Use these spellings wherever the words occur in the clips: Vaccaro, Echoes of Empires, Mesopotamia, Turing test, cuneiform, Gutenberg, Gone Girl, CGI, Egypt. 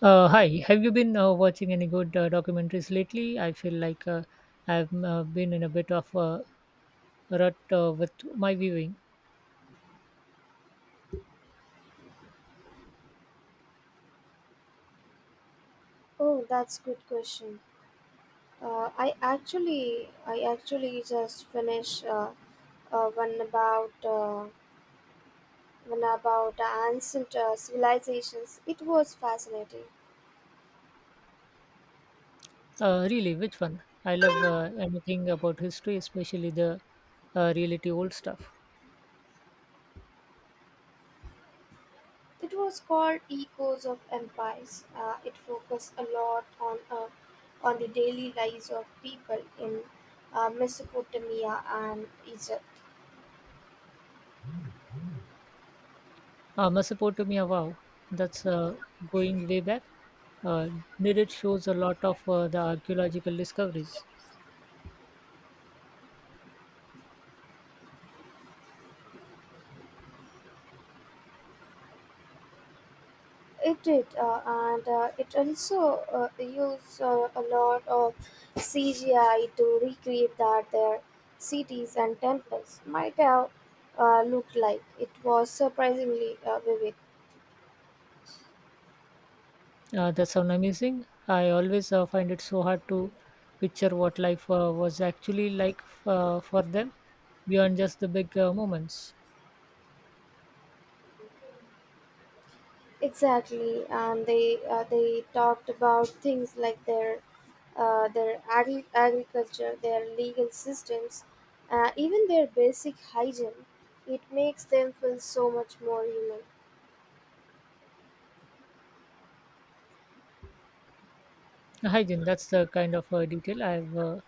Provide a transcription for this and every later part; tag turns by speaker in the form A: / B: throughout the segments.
A: Hi, have you been watching any good documentaries lately? I feel like I've been in a bit of a rut with my viewing.
B: Oh, that's good question. I actually just finished uh, one about uh, one about ancient civilizations. It was fascinating.
A: Really, which one? I love anything about history, especially the reality old stuff.
B: It was called Echoes of Empires. It focused a lot on the daily lives of people in Mesopotamia and Egypt.
A: Mesopotamia, wow, that's going way back. Uh, did it shows a lot of the archaeological discoveries?
B: It did, and it also used a lot of CGI to recreate that their cities and temples might have looked like. It was surprisingly vivid.
A: That sounds amazing. I always find it so hard to picture what life was actually like for them beyond just the big moments.
B: Exactly, and they talked about things like their agriculture, their legal systems, even their basic hygiene. It makes them feel so much more human.
A: Hygiene, that's the kind of detail I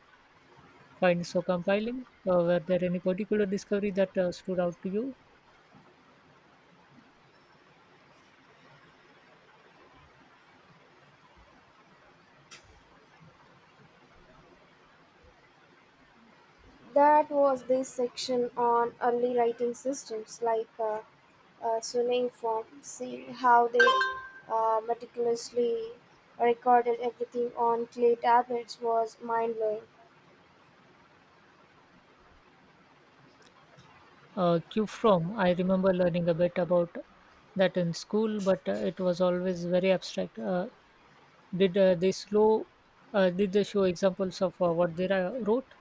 A: find so compelling. Were there any particular discovery that stood out to you?
B: That was this section on early writing systems like cuneiform. See how they meticulously recorded everything on clay tablets was mind blowing.
A: Q from, I remember learning a bit about that in school, but it was always very abstract. Did they slow? Did they show examples of what they wrote?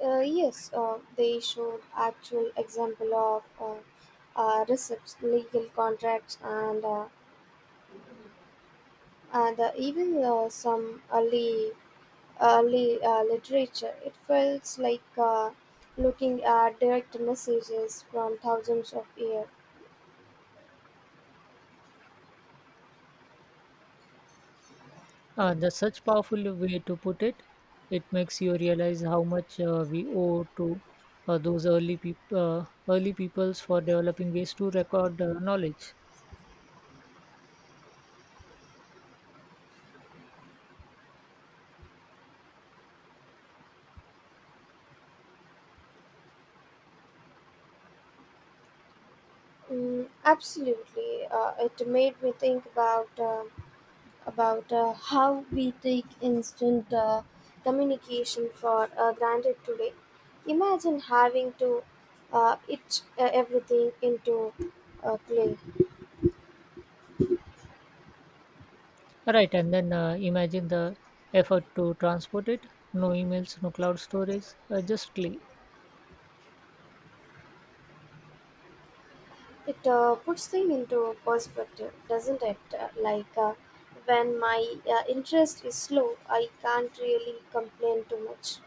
B: Yes, they showed actual example of receipts, legal contracts, and even some early literature. It feels like looking at direct messages from thousands of years.
A: That's such powerful way to put it. It makes you realize how much we owe to those early peop- early peoples for developing ways to record knowledge.
B: Mm, absolutely, it made me think about how we take instant communication for granted today. Imagine having to itch everything into clay.
A: Right, and then imagine the effort to transport it. No emails, no cloud storage, just clay.
B: It puts things into perspective, doesn't it? Like when my interest is slow, I can't really complain too much.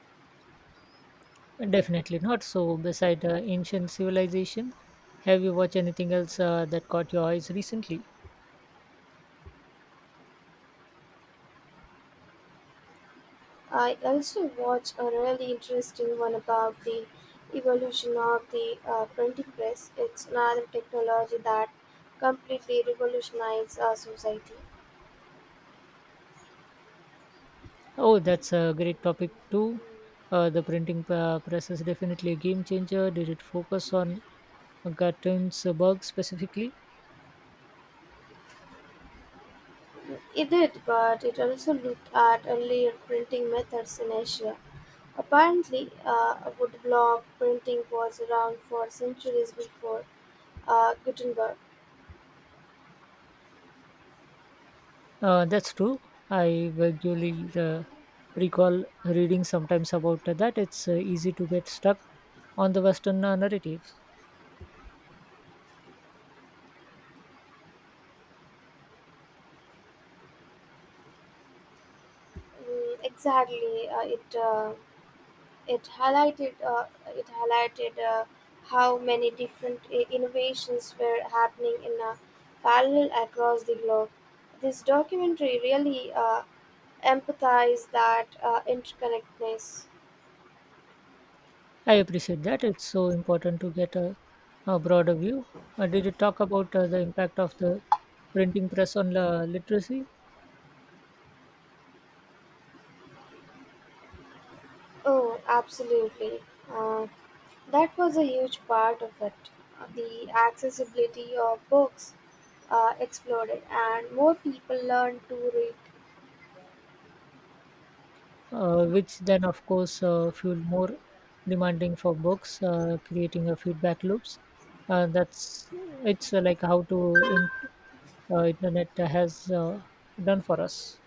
A: Definitely not. So, beside ancient civilization, have you watched anything else that caught your eyes recently?
B: I also watched a really interesting one about the evolution of the printing press. It's another technology that completely revolutionized our society.
A: Oh, that's a great topic too. The printing press is definitely a game changer. Did it focus on Gutenberg specifically?
B: It did, but it also looked at earlier printing methods in Asia. Apparently, woodblock printing was around for centuries before Gutenberg.
A: That's true. I vaguely recall reading sometimes about that. It's easy to get stuck on the Western narrative.
B: Mm, exactly, it highlighted how many different innovations were happening in a parallel across the globe. This documentary really emphasized that interconnectedness.
A: I appreciate that. It's so important to get a broader view. Did you talk about the impact of the printing press on literacy?
B: Oh, absolutely. Uh, That was a huge part of it. The accessibility of books exploded, and more people learned to read.
A: Which then of course fuel more demanding for books creating a feedback loops that's it's like how to internet has done for us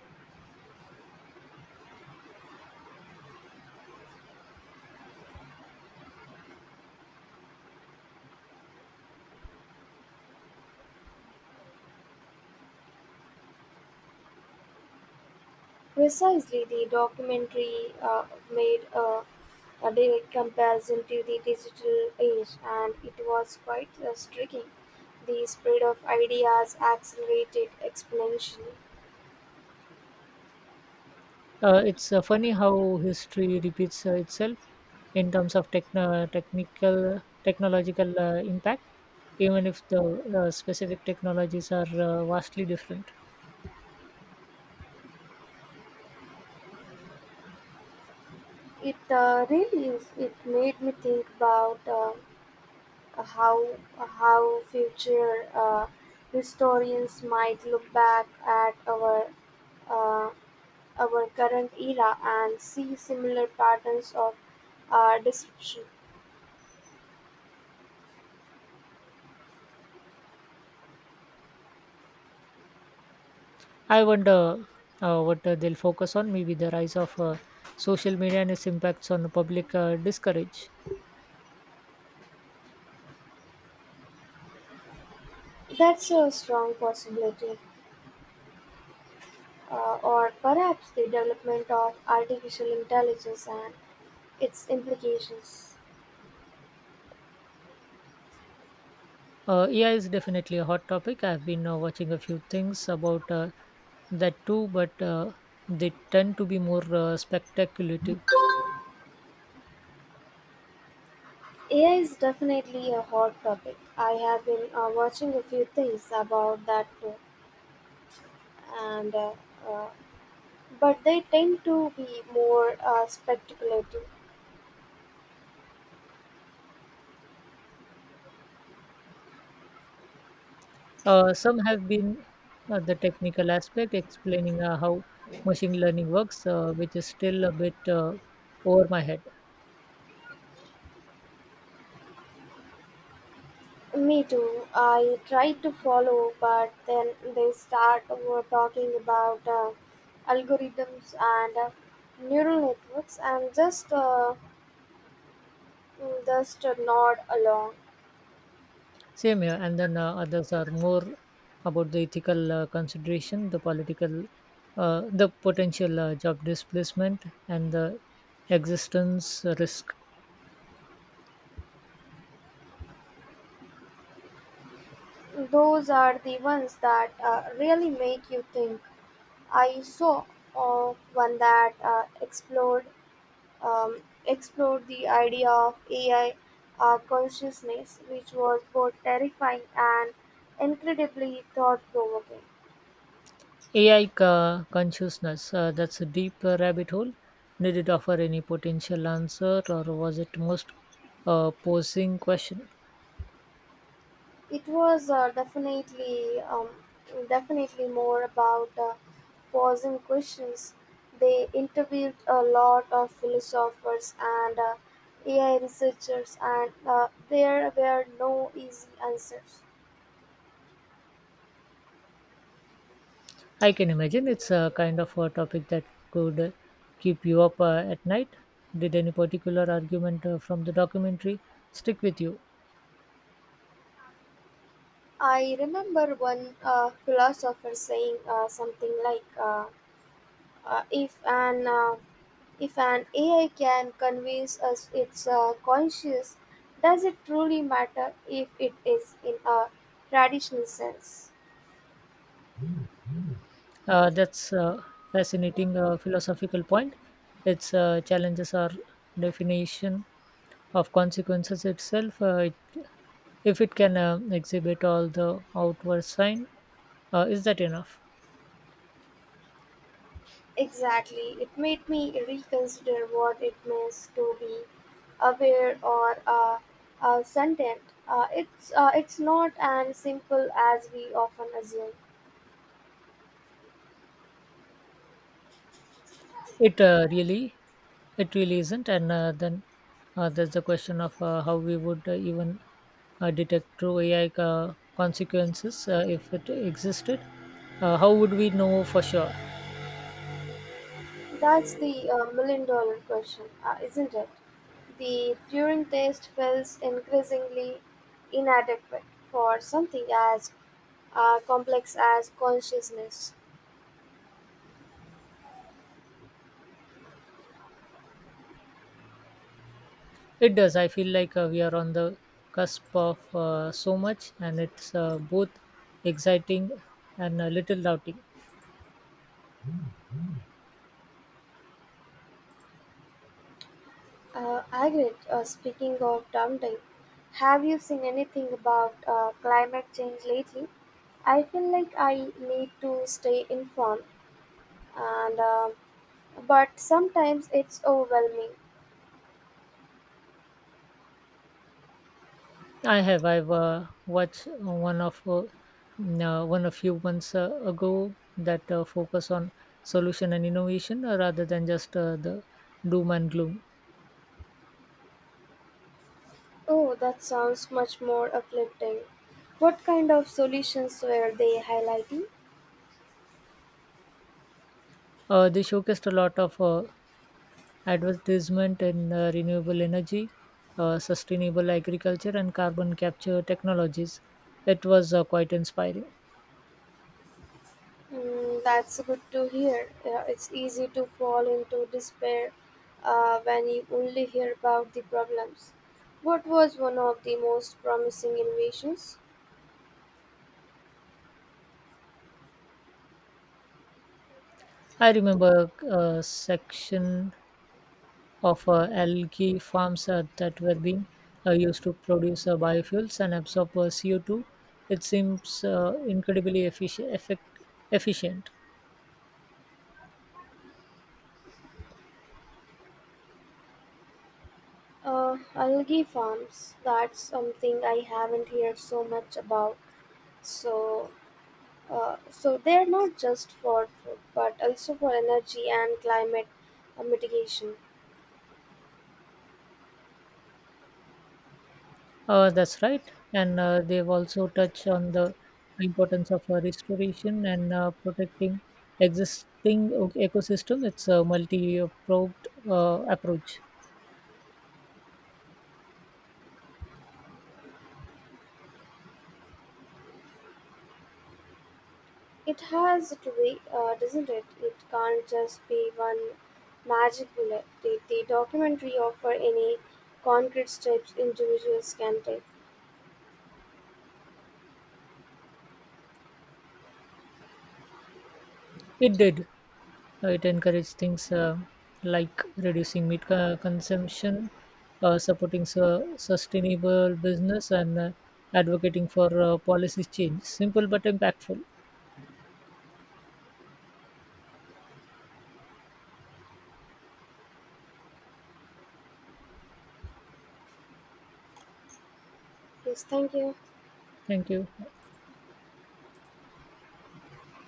B: Precisely, the documentary made a, a direct comparison to the digital age, and it was quite striking. The spread of ideas accelerated exponentially.
A: uh, It's funny how history repeats itself in terms of techno- technical technological impact even if the specific technologies are vastly different.
B: It really is. It made me think about how future historians might look back at uh, our current era and see similar patterns of deception.
A: I wonder what they'll focus on, maybe the rise of social media and its impacts on public discourage.
B: That's a strong possibility, or perhaps the development of artificial intelligence and its implications.
A: AI is definitely a hot topic. I've been watching a few things about that too, but they tend to be more speculative.
B: AI is definitely a hot topic. I have been watching a few things about that too, and uh, but they tend to be more speculative.
A: Some have been the technical aspect, explaining how machine learning works, which is still a bit over my head.
B: Me too. I try to follow, but then they start over talking about algorithms and neural networks, and just nod along.
A: Same here, and then others are more about the ethical consideration, the political, the potential job displacement, and the existence risk.
B: Those are the ones that really make you think. I saw one that explored um, explored the idea of AI consciousness, which was both terrifying and incredibly thought-provoking.
A: AI consciousness, that's a deep rabbit hole. Did it offer any potential answer, or was it most posing question?
B: It was definitely more about posing questions. They interviewed a lot of philosophers and AI researchers, and there were no easy answers.
A: I can imagine it's a kind of a topic that could keep you up at night. Did any particular argument from the documentary stick with you?
B: I remember one philosopher saying something like, Uh, if an uh, if an AI can convince us it's conscious, does it truly matter if it is in a traditional sense?
A: That's a fascinating philosophical point. Its challenges are definition of consequences itself. If it can exhibit all the outward sign, is that enough?
B: Exactly, it made me reconsider what it means to be aware or sentient. It's not as simple as we often assume.
A: It uh, really, it really isn't. And then there's the question of how we would even detect true AI consequences if it existed. How would we know for sure?
B: That's the million dollar question, isn't it? The Turing test feels increasingly inadequate for something as complex as consciousness.
A: It does. I feel like we are on the cusp of so much, and it's both exciting and a little doubting.
B: Agreed. Speaking of daunting, have you seen anything about climate change lately? I feel like I need to stay informed, and but sometimes it's overwhelming.
A: I have. I've watched one a few months ago that focus on solution and innovation rather than just the doom and gloom.
B: Oh, that sounds much more uplifting. What kind of solutions were they highlighting?
A: They showcased a lot of advertisement in renewable energy, sustainable agriculture, and carbon capture technologies. It was quite inspiring.
B: Mm, that's good to hear. Yeah, it's easy to fall into despair when you only hear about the problems. What was one of the most promising innovations?
A: I remember a section of algae farms that were being used to produce biofuels and absorb CO2. It seems incredibly efficient. Efficient.
B: Algae farms. That's something I haven't heard so much about. So, so they're not just for food, but also for energy and climate mitigation.
A: That's right. And they've also touched on the importance of restoration and protecting existing ecosystem. It's a multi-pronged approach.
B: It has to be, doesn't it? It can't just be one magic bullet. Did the documentary offer any concrete steps individuals can take?
A: It did. It encourages things like reducing meat consumption, supporting sustainable business, and advocating for policy change. Simple but impactful.
B: Yes, thank you.
A: Thank you.